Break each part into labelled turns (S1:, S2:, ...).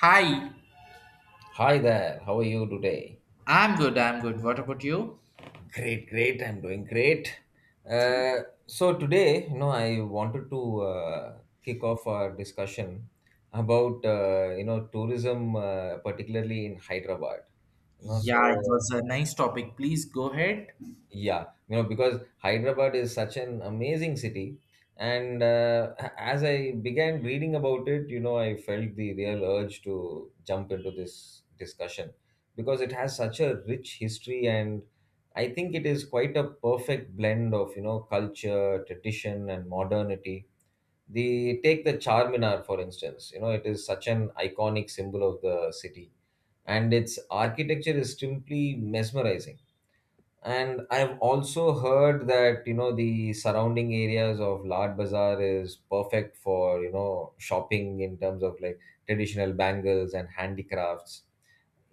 S1: Hi,
S2: Hi there, how are you today?
S1: I'm good. I'm good. What about you?
S2: Great, I'm doing great.
S1: Okay.
S2: Today, I wanted to kick off our discussion about, tourism, particularly in Hyderabad. You know,
S1: Yeah, it
S2: so
S1: was a nice topic. Please go ahead.
S2: Yeah, because Hyderabad is such an amazing city. And as I began reading about it, I felt the real urge to jump into this discussion because it has such a rich history. And I think it is quite a perfect blend of, culture, tradition, and modernity. The take the Charminar, for instance. It is such an iconic symbol of the city, and its architecture is simply mesmerizing. And I've also heard that, the surrounding areas of Lad Bazaar is perfect for, shopping in terms of like traditional bangles and handicrafts.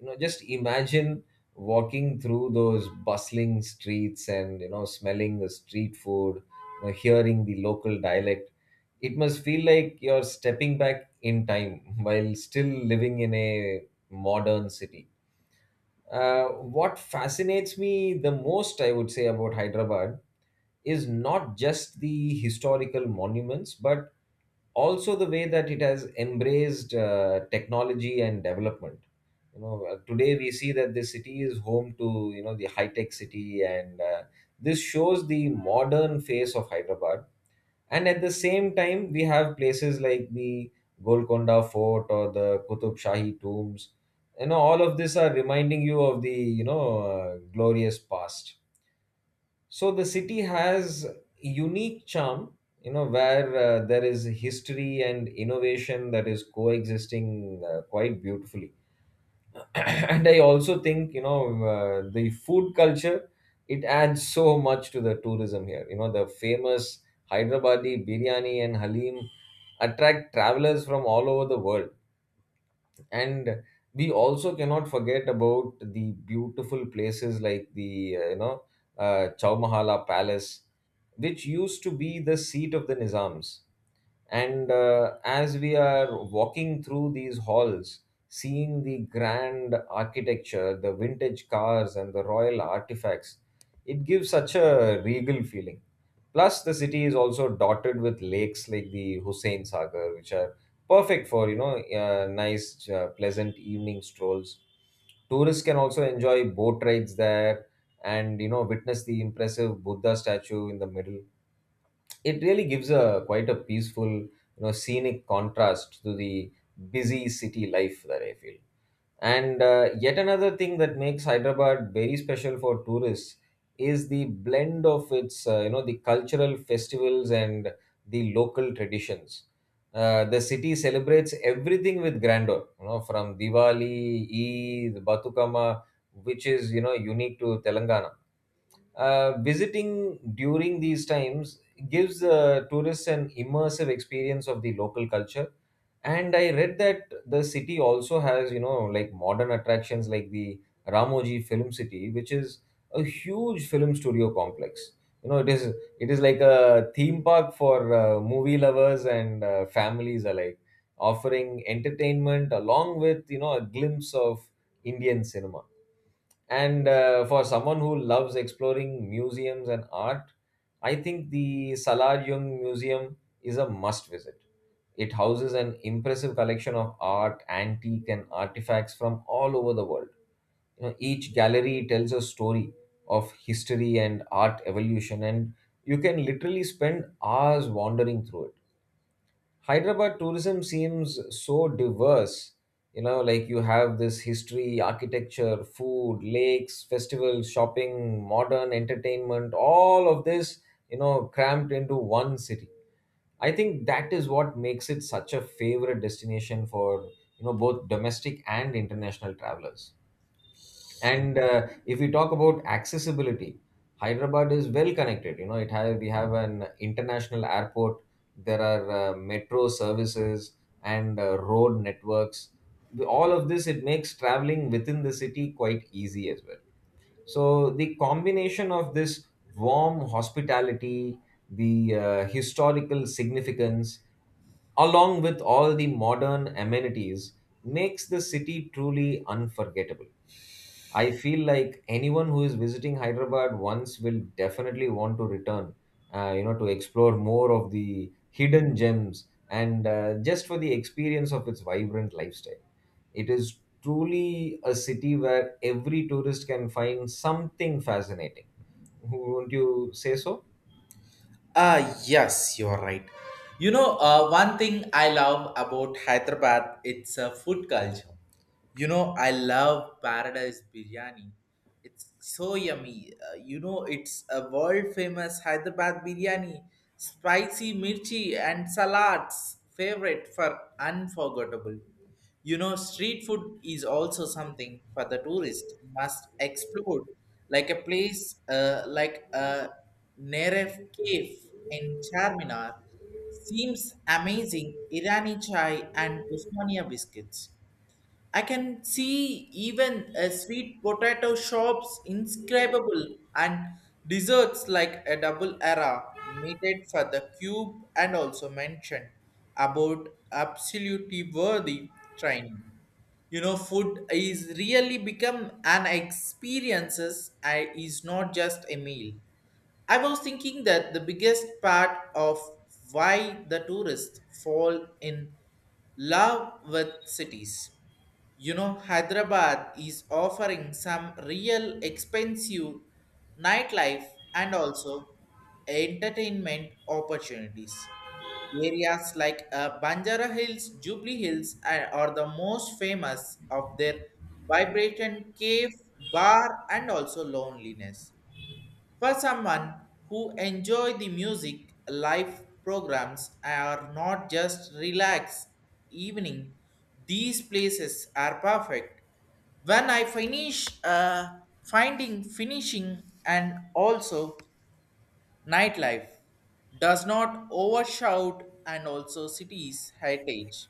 S2: Just imagine walking through those bustling streets and, smelling the street food, hearing the local dialect. It must feel like you're stepping back in time while still living in a modern city. What fascinates me the most, I would say, about Hyderabad is not just the historical monuments, but also the way that it has embraced technology and development. Today we see that this city is home to the high tech city, and this shows the modern face of Hyderabad. And at the same time we have places like the Golconda Fort or the Kutub Shahi tombs. All of this are reminding you of the you know glorious past. So the city has unique charm, where there is history and innovation that is coexisting quite beautifully. And I also think the food culture, it adds so much to the tourism here. The famous Hyderabadi biryani and halim attract travelers from all over the world. And we also cannot forget about the beautiful places like the uh, you know Chowmahala Palace, which used to be the seat of the nizams. And as we are walking through these halls, seeing the grand architecture, the vintage cars, and the royal artifacts, it gives such a regal feeling. Plus, the city is also dotted with lakes like the Hussein Sagar, which are perfect for nice, pleasant evening strolls. Tourists can also enjoy boat rides there, and witness the impressive Buddha statue in the middle. It really gives a quite a peaceful, scenic contrast to the busy city life, that I feel. And yet another thing that makes Hyderabad very special for tourists is the blend of its the cultural festivals and the local traditions. The city celebrates everything with grandeur, from Diwali, Eid, Batukama, which is unique to Telangana. Visiting during these times gives tourists an immersive experience of the local culture. And I read that the city also has, like modern attractions like the Ramoji Film City, which is a huge film studio complex. It is like a theme park for movie lovers and families alike, offering entertainment along with a glimpse of Indian cinema. And for someone who loves exploring museums and art, I think the Salar Jung Museum is a must visit. It houses an impressive collection of art, antique, and artifacts from all over the world. Each gallery tells a story of history and art evolution, and you can literally spend hours wandering through it. Hyderabad tourism seems so diverse. Like you have this history, architecture, food, lakes, festivals, shopping, modern entertainment, all of this, crammed into one city. I think that is what makes it such a favorite destination for, both domestic and international travelers. And if we talk about accessibility, Hyderabad is well connected. You know, it have we have an international airport. There are metro services and road networks. All of this, it makes traveling within the city quite easy as well. So the combination of this warm hospitality, the historical significance, along with all the modern amenities, makes the city truly unforgettable. I feel like anyone who is visiting Hyderabad once will definitely want to return, to explore more of the hidden gems and just for the experience of its vibrant lifestyle. It is truly a city where every tourist can find something fascinating. Won't you say so?
S1: Yes, you're right. One thing I love about Hyderabad, it's a food culture. I love Paradise Biryani. It's so yummy. It's a world famous Hyderabad biryani, spicy mirchi and salads, favorite for unforgettable. Street food is also something for the tourist must explore, like a place like a Neref Cave in Charminar. Seems amazing. Irani chai and Osmania biscuits. I can see even a sweet potato shops inscribable and desserts like a double era made for the cube and also mentioned about absolutely worthy training. Food is really become an experiences. I is not just a meal. I was thinking that the biggest part of why the tourists fall in love with cities. Hyderabad is offering some real expensive nightlife and also entertainment opportunities. Areas like Banjara Hills, Jubilee Hills are the most famous of their vibrant cave, bar, and also loneliness. For someone who enjoy the music, live programs are not just relax evening. These places are perfect. When I finishing and also nightlife does not overshout and also cities heritage.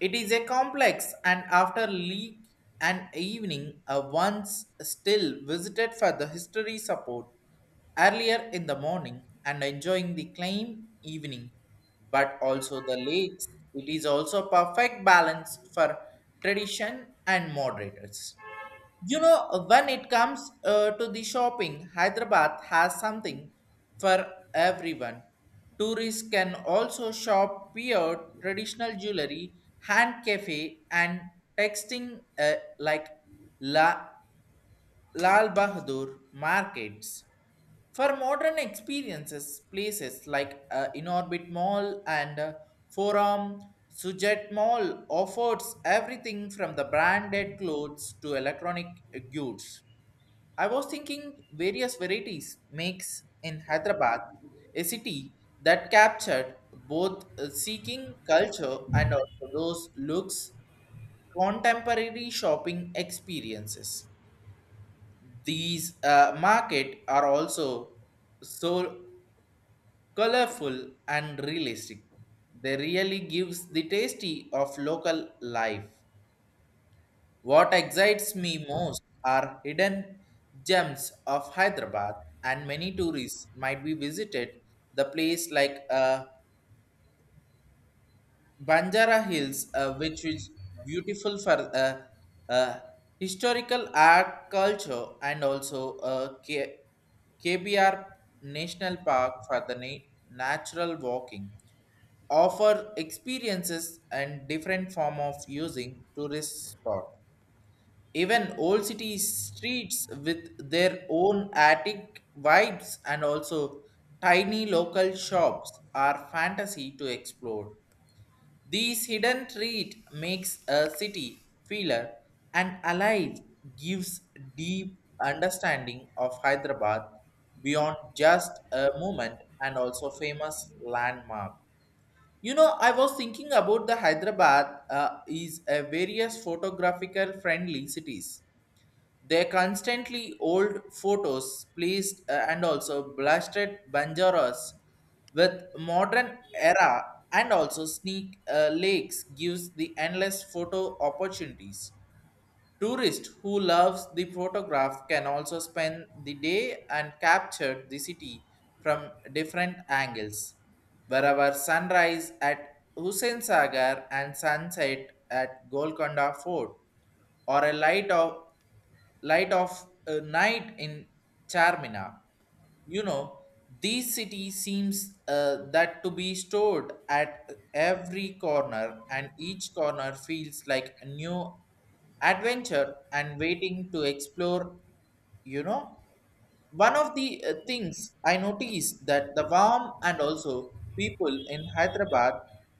S1: It is a complex, and after leak and evening, I once still visited for the history support earlier in the morning and enjoying the claim evening, but also the lakes. It is also perfect balance for tradition and moderators. When it comes to the shopping, Hyderabad has something for everyone. Tourists can also shop here traditional jewelry, hand cafe, and texting like La. Lal Bahadur markets. For modern experiences, places like Inorbit Mall and Forum Sujet Mall offers everything from the branded clothes to electronic goods. I was thinking various varieties makes in Hyderabad, a city that captured both seeking culture and also those looks contemporary shopping experiences. These market are also so colorful and realistic. They really gives the tasty of local life. What excites me most are hidden gems of Hyderabad, and many tourists might be visited the place like a Banjara Hills, which is beautiful for uh, historical art, culture, and also KBR National Park for the natural walking, offer experiences and different form of using tourist spot. Even old city streets with their own attic vibes and also tiny local shops are fantasy to explore. This hidden treat makes a city feeler and alive, gives deep understanding of Hyderabad beyond just a moment and also famous landmark. I was thinking about the Hyderabad is a various photographical friendly cities they constantly old photos placed and also blasted Banjaras with modern era and also sneak lakes gives the endless photo opportunities. Tourists who loves the photograph can also spend the day and capture the city from different angles. Wherever sunrise at Hussein Sagar and sunset at Golconda Fort or a light of a night in Charmina. You know, these city seems that to be stored at every corner, and each corner feels like a new adventure and waiting to explore. You know one of the things I noticed that the warm and also people in Hyderabad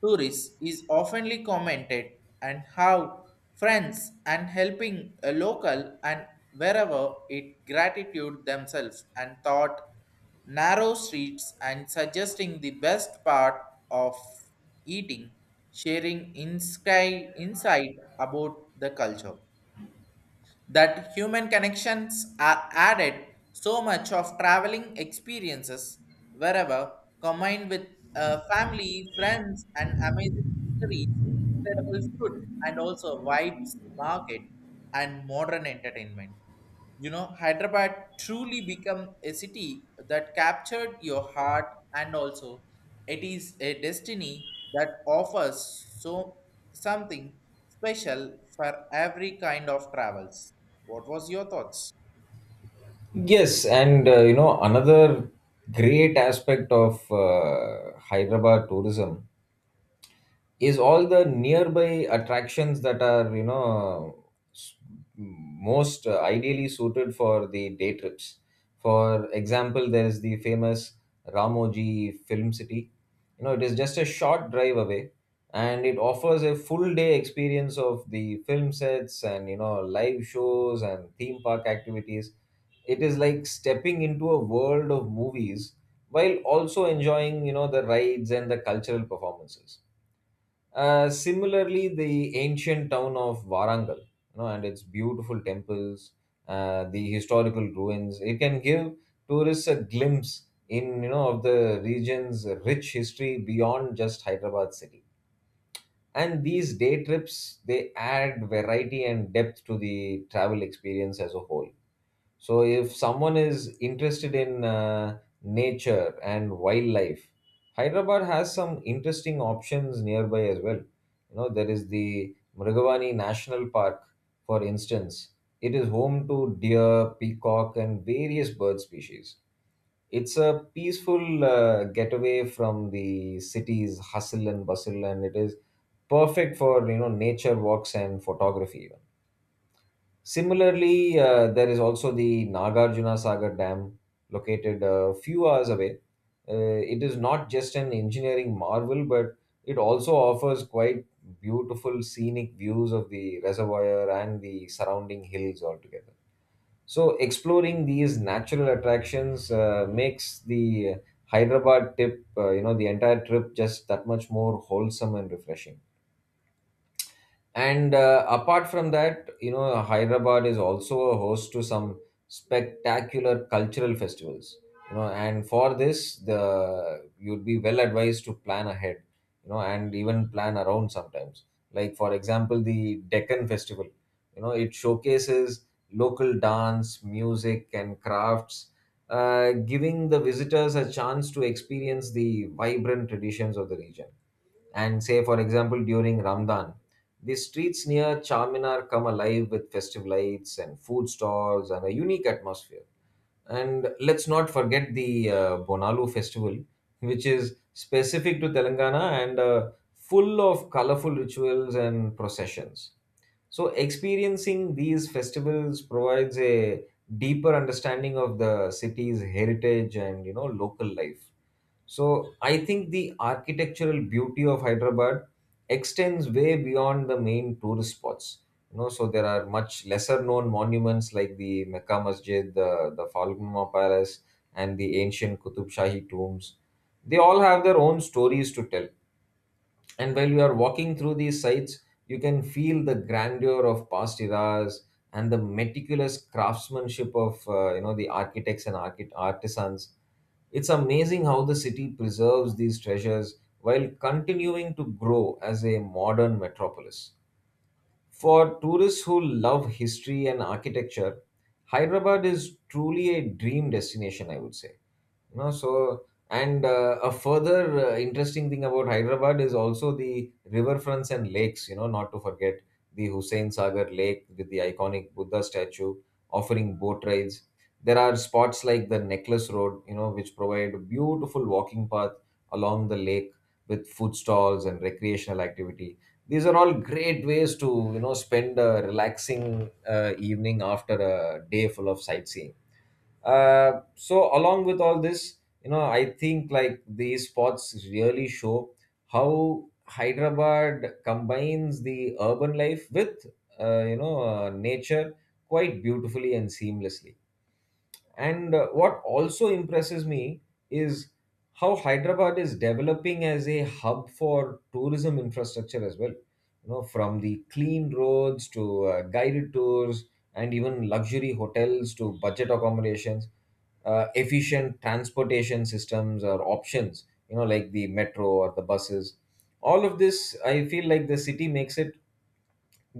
S1: tourists is oftenly commented and how friends and helping a local and wherever it gratitude themselves and thought narrow streets and suggesting the best part of eating sharing insky insight about the culture that human connections are added so much of traveling experiences wherever combined with family friends and amazing histories incredible food and also wide market and modern entertainment. Hyderabad truly become a city that captured your heart and also it is a destiny that offers so something special for every kind of travels. What was your thoughts?
S2: Yes, and another great aspect of Hyderabad tourism is all the nearby attractions that are s- most ideally suited for the day trips. For example, there is the famous Ramoji Film City. It is just a short drive away, and it offers a full day experience of the film sets and, live shows and theme park activities. It is like stepping into a world of movies while also enjoying, the rides and the cultural performances. Similarly, the ancient town of Warangal, and its beautiful temples, the historical ruins, it can give tourists a glimpse in, of the region's rich history beyond just Hyderabad city. And these day trips, they add variety and depth to the travel experience as a whole. So if someone is interested in nature and wildlife, Hyderabad has some interesting options nearby as well. You know, there is the Mrigavani National Park, for instance. It is home to deer, peacock, and various bird species. It's a peaceful getaway from the city's hustle and bustle, and it is perfect for, nature walks and photography. Similarly, there is also the Nagarjuna Sagar Dam, located a few hours away. Uh, it is not just an engineering marvel, but it also offers quite beautiful scenic views of the reservoir and the surrounding hills altogether. So, exploring these natural attractions makes the Hyderabad trip, the entire trip just that much more wholesome and refreshing. And apart from that, Hyderabad is also a host to some spectacular cultural festivals. You know, and for this, the you'd be well advised to plan ahead. You know, and even plan around sometimes. Like for example, the Deccan Festival. You know, it showcases local dance, music, and crafts, giving the visitors a chance to experience the vibrant traditions of the region. And say, for example, during Ramadan, the streets near Charminar come alive with festive lights and food stalls and a unique atmosphere. And let's not forget the Bonalu festival, which is specific to Telangana and full of colorful rituals and processions. So, experiencing these festivals provides a deeper understanding of the city's heritage and, local life. So, I think the architectural beauty of Hyderabad extends way beyond the main tourist spots. You know, so there are much lesser known monuments like the Mecca Masjid, the Falgunma Palace, and the ancient Qutub Shahi tombs. They all have their own stories to tell, and while you are walking through these sites, you can feel the grandeur of past eras and the meticulous craftsmanship of the architects and artisans. It's amazing how the city preserves these treasures while continuing to grow as a modern metropolis. For tourists who love history and architecture, Hyderabad is truly a dream destination, I would say. You know, so and a further interesting thing about Hyderabad is also the riverfronts and lakes. You know, not to forget the Hussein Sagar Lake with the iconic Buddha statue offering boat rides. There are spots like the Necklace Road, which provide a beautiful walking path along the lake with food stalls and recreational activity. These are all great ways to, spend a relaxing evening after a day full of sightseeing. So along with all this, I think like these spots really show how Hyderabad combines the urban life with nature, quite beautifully and seamlessly. And what also impresses me is how Hyderabad is developing as a hub for tourism infrastructure as well. You know, from the clean roads to guided tours, and even luxury hotels to budget accommodations, efficient transportation systems or options, like the metro or the buses. All of this, I feel like the city makes it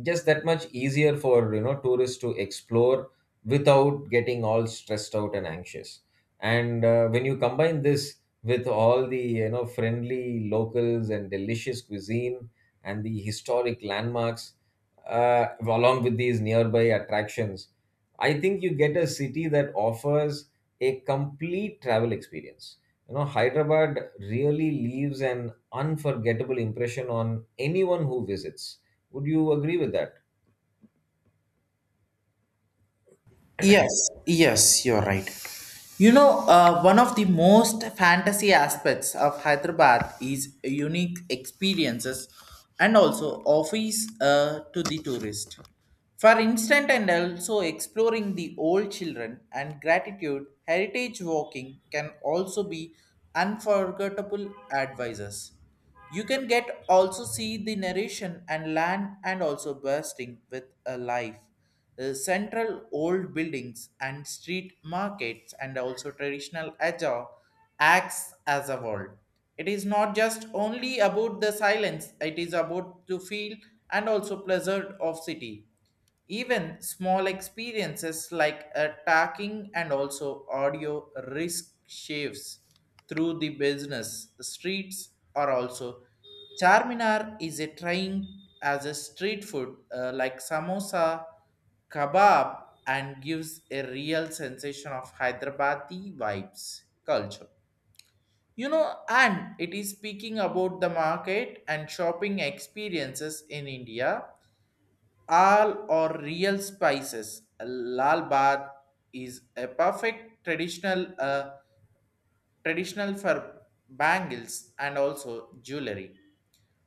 S2: just that much easier for, tourists to explore without getting all stressed out and anxious. And when you combine this with all the, friendly locals and delicious cuisine and the historic landmarks, along with these nearby attractions, I think you get a city that offers a complete travel experience. You know, Hyderabad really leaves an unforgettable impression on anyone who visits. Would you agree with that?
S1: Yes, yes, you're right. One of the most fantasy aspects of Hyderabad is unique experiences and also offers to the tourist. For instance, and also exploring the old children and gratitude, heritage walking can also be unforgettable advisors. You can get also see the narration and land and also bursting with a life. The central old buildings and street markets and also traditional Aja acts as a world. It is not just only about the silence, it is about to feel and also pleasure of city. Even small experiences like attacking and also audio risk shifts through the business streets are also. Charminar is a train as a street food like samosa, kebab, and gives a real sensation of Hyderabadi vibes culture. And it is speaking about the market and shopping experiences in India Al or real spices. Lal bath is a perfect traditional for bangles and also jewelry.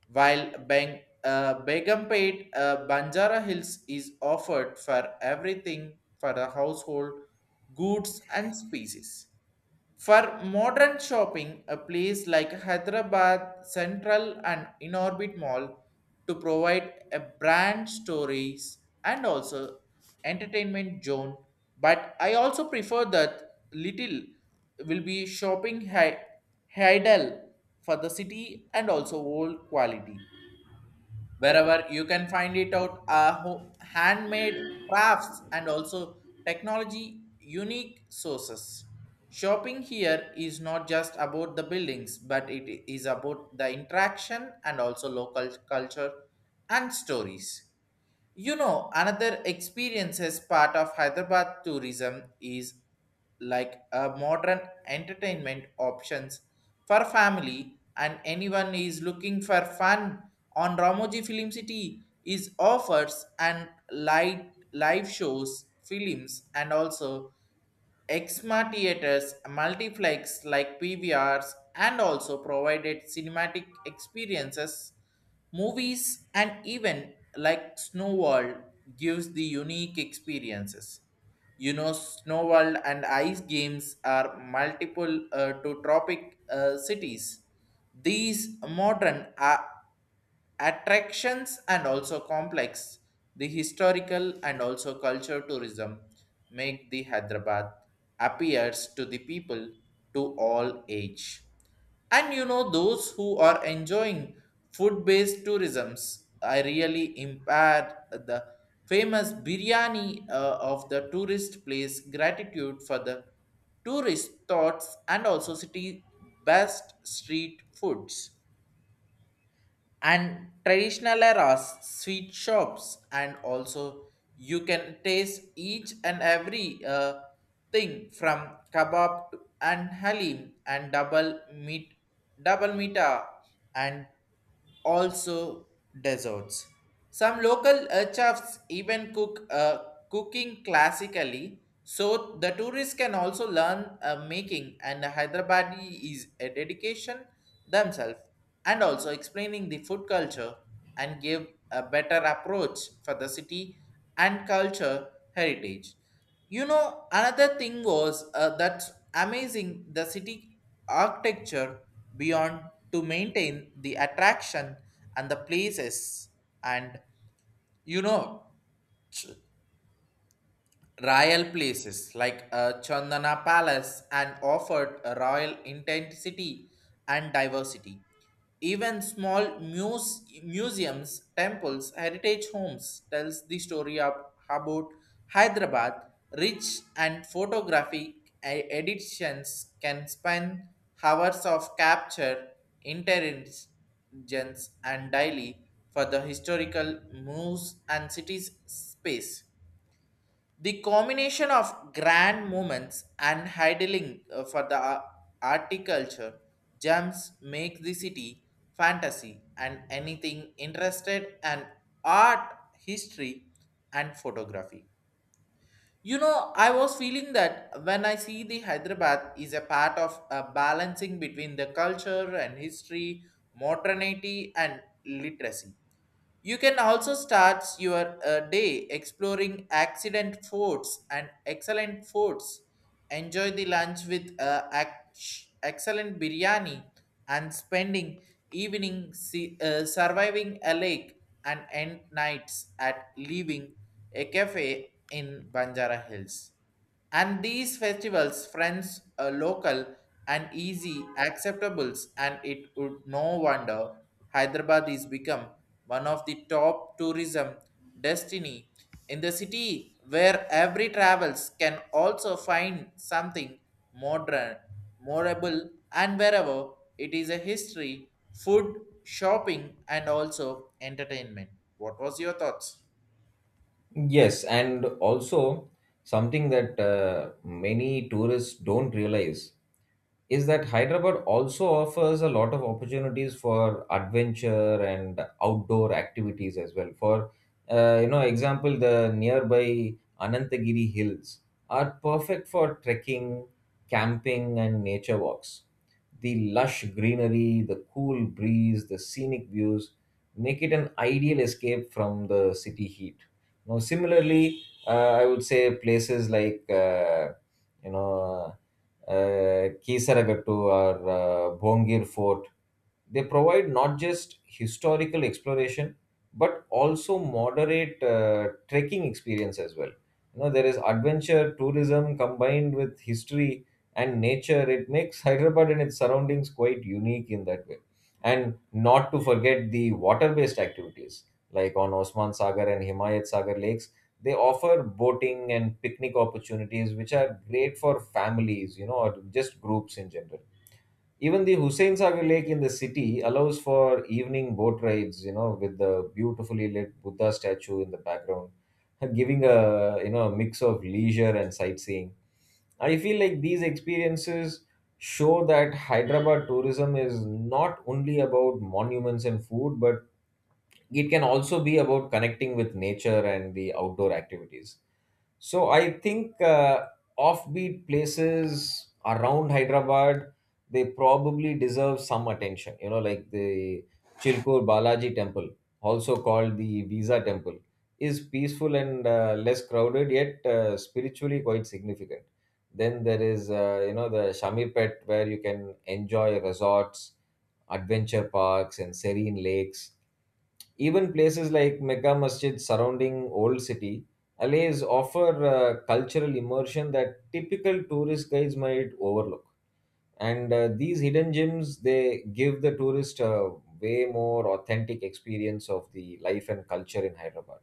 S1: While Begumpet Banjara Hills is offered for everything for the household goods and species. For modern shopping, a place like Hyderabad Central and Inorbit Mall to provide a brand stories and also entertainment zone. But I also prefer that little will be shopping idle for the city and also old quality wherever you can find it out handmade crafts and also technology unique sources shopping here is not just about the buildings but it is about the interaction and also local culture and stories. Another experience as part of Hyderabad tourism is like a modern entertainment options for family and anyone is looking for fun on Ramoji Film City is offers and light live shows, films and also XMA theaters, multiplex like PVRs, and also provided cinematic experiences, movies, and even like Snow World gives the unique experiences. Snow World and ice games are multiple to tropic cities. These modern are attractions and also complex the historical and also culture tourism make the Hyderabad appears to the people to all age and those who are enjoying food based tourisms are really impaired the famous biryani of the tourist place gratitude for the tourist thoughts and also city best street foods and traditional eras, sweet shops, and also you can taste each and every thing from kebab to, and halim and double meat, double mita, and also desserts. Some local chefs even cooking classically, so the tourists can also learn making. And Hyderabad is a dedication themselves and also explaining the food culture and give a better approach for the city and culture heritage. Another thing was that amazing the city architecture beyond to maintain the attraction and the places and you know royal places like Chandana Palace and offered a royal intensity and diversity. Even small museums, temples, heritage homes tells the story of about Hyderabad. Rich and photographic editions can span hours of capture, intelligence, and daily for the historical moves and cities space. The combination of grand moments and idling for the articulture jumps make the city fantasy and anything interested in art, history, and photography. I was feeling that when I see the Hyderabad is a part of a balancing between the culture and history, modernity, and literacy you can also start your day exploring accident forts and excellent forts. Enjoy the lunch with excellent biryani and spending evening see, surviving a lake and end nights at leaving a cafe in Banjara Hills. And these festivals, friends, local and easy acceptables, and it would no wonder Hyderabad is become one of the top tourism destiny in the city where every travels can also find something modern, memorable, and wherever it is a history, food, shopping, and also entertainment. What was your thoughts?
S2: Yes, and also something that many tourists don't realize is that Hyderabad also offers a lot of opportunities for adventure and outdoor activities as well. For example, the nearby Anantagiri Hills are perfect for trekking, camping, and nature walks. The lush greenery, the cool breeze, the scenic views make it an ideal escape from the city heat. Now, similarly, I would say places like you know Kisaragattu or Bhongir Fort. They provide not just historical exploration, but also moderate trekking experience as well. You know, there is adventure tourism combined with history and nature. It makes Hyderabad and its surroundings quite unique in that way. And not to forget the water-based activities like on Osman Sagar and Himayat Sagar lakes. They offer boating and picnic opportunities, which are great for families, you know, or just groups in general. Even the Hussein Sagar Lake in the city allows for evening boat rides, you know, with the beautifully lit Buddha statue in the background, giving a you know a mix of leisure and sightseeing. I feel like these experiences show that Hyderabad tourism is not only about monuments and food, but it can also be about connecting with nature and the outdoor activities. So I think offbeat places around Hyderabad they probably deserve some attention. You know, like the Chilkur Balaji Temple, also called the Visa Temple, is peaceful and less crowded, yet spiritually quite significant. Then there is the Shamirpet where you can enjoy resorts, adventure parks, and serene lakes, even places like Mecca Masjid surrounding Old City allays offer cultural immersion that typical tourist guides might overlook. And these hidden gems they give the tourist a way more authentic experience of the life and culture in Hyderabad.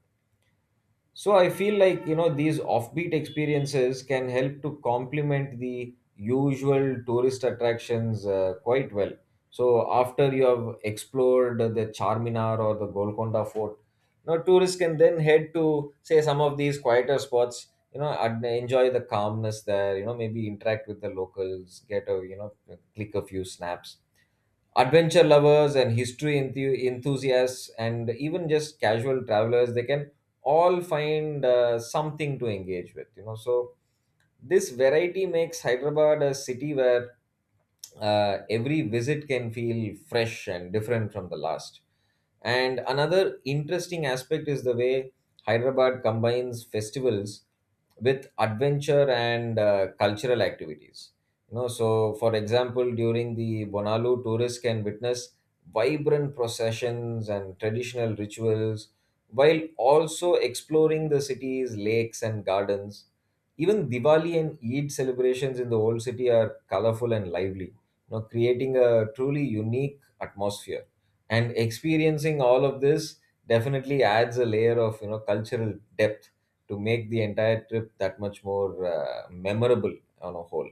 S2: So I feel like you know these offbeat experiences can help to complement the usual tourist attractions quite well. So after you have explored the Charminar or the Golconda Fort, now tourists can then head to say some of these quieter spots. You know, and enjoy the calmness there. You know, maybe interact with the locals, get a you know click a few snaps. Adventure lovers and history enthusiasts and even just casual travelers they can all find something to engage with, you know. So this variety makes Hyderabad a city where every visit can feel fresh and different from the last. And another interesting aspect is the way Hyderabad combines festivals with adventure and cultural activities. You know, so for example, during the Bonalu, tourists can witness vibrant processions and traditional rituals while also exploring the city's lakes and gardens. Even Diwali and Eid celebrations in the old city are colorful and lively, you know, creating a truly unique atmosphere. And experiencing all of this definitely adds a layer of you know cultural depth to make the entire trip that much more memorable on a whole.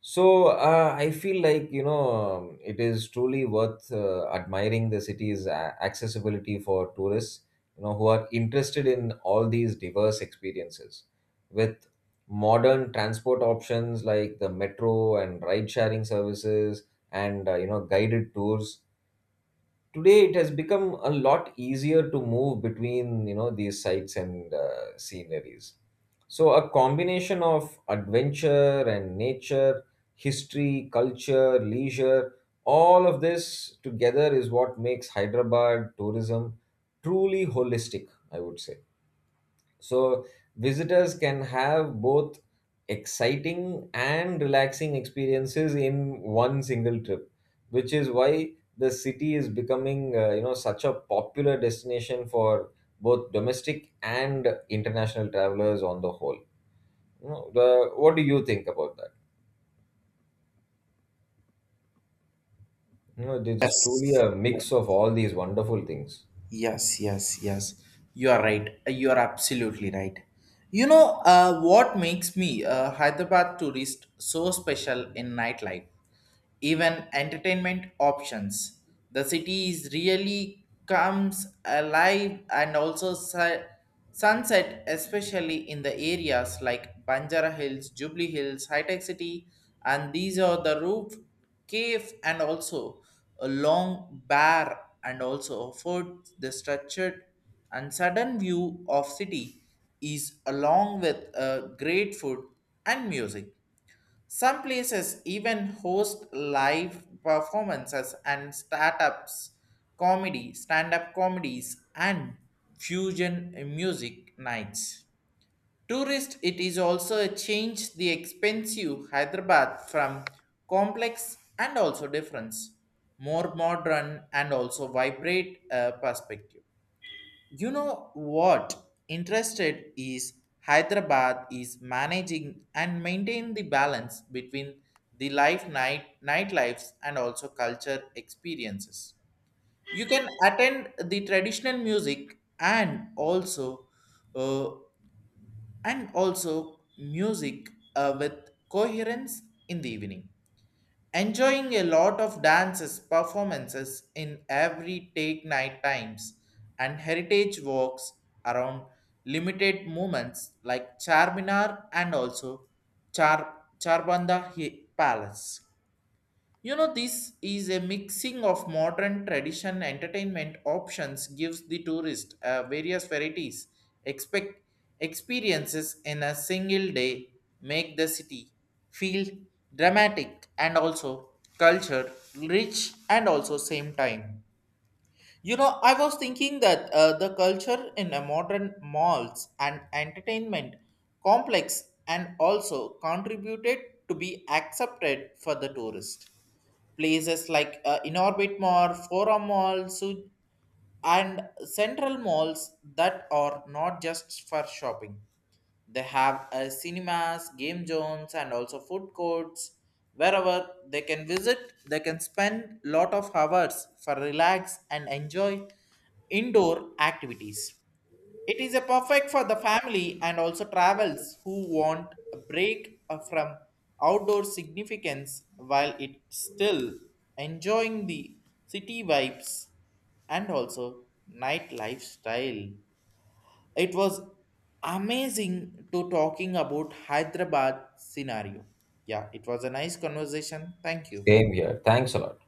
S2: So I feel like you know it is truly worth admiring the city's accessibility for tourists, you know, who are interested in all these diverse experiences. With modern transport options like the metro and ride-sharing services, and you know guided tours, today it has become a lot easier to move between you know these sites and sceneries. So a combination of adventure and nature, history, culture, leisure, all of this together is what makes Hyderabad tourism truly holistic, I would say. So visitors can have both exciting and relaxing experiences in one single trip, which is why the city is becoming such a popular destination for both domestic and international travelers on the whole. What do you think about that? You know, this is truly
S1: Yes.
S2: a mix of all these wonderful things.
S1: Yes, yes, yes. You are right. You are absolutely right. What makes me a Hyderabad tourist so special in nightlife? Even entertainment options. The city is really comes alive and also sunset, especially in the areas like Banjara Hills, Jubilee Hills, High Tech City, and these are the roof cave and also a long bar and also afford the structured and sudden view of city is along with a great food and music some places even host live performances and startups, comedy, stand up comedies, and fusion music nights. Tourist, it is also a change the expensive Hyderabad from complex and also difference, more modern and also vibrate perspective. You know what interested is Hyderabad is managing and maintain the balance between the life night nightlifes and also culture experiences. You can attend the traditional music uh, and also music with coherence in the evening enjoying a lot of dances performances in every take night times and heritage walks around limited movements like charminar and also charbanda palace. This is a mixing of modern tradition entertainment options gives the tourist various varieties, expect experiences in a single day make the city feel dramatic and also culture rich and also same time. I was thinking that the culture in a modern malls and entertainment complex and also contributed to be accepted for the tourist places like Inorbit Mall, Forum Mall, and Central Malls that are not just for shopping. They have cinemas, game zones, and also food courts. Wherever they can visit, they can spend lot of hours for relax and enjoy indoor activities. It is a perfect for the family and also travels who want a break from outdoor significance while it still enjoying the city vibes and also night lifestyle. It was amazing to talking about Hyderabad scenario. Yeah, it was a nice conversation. Thank you.
S2: Same here. Thanks a lot.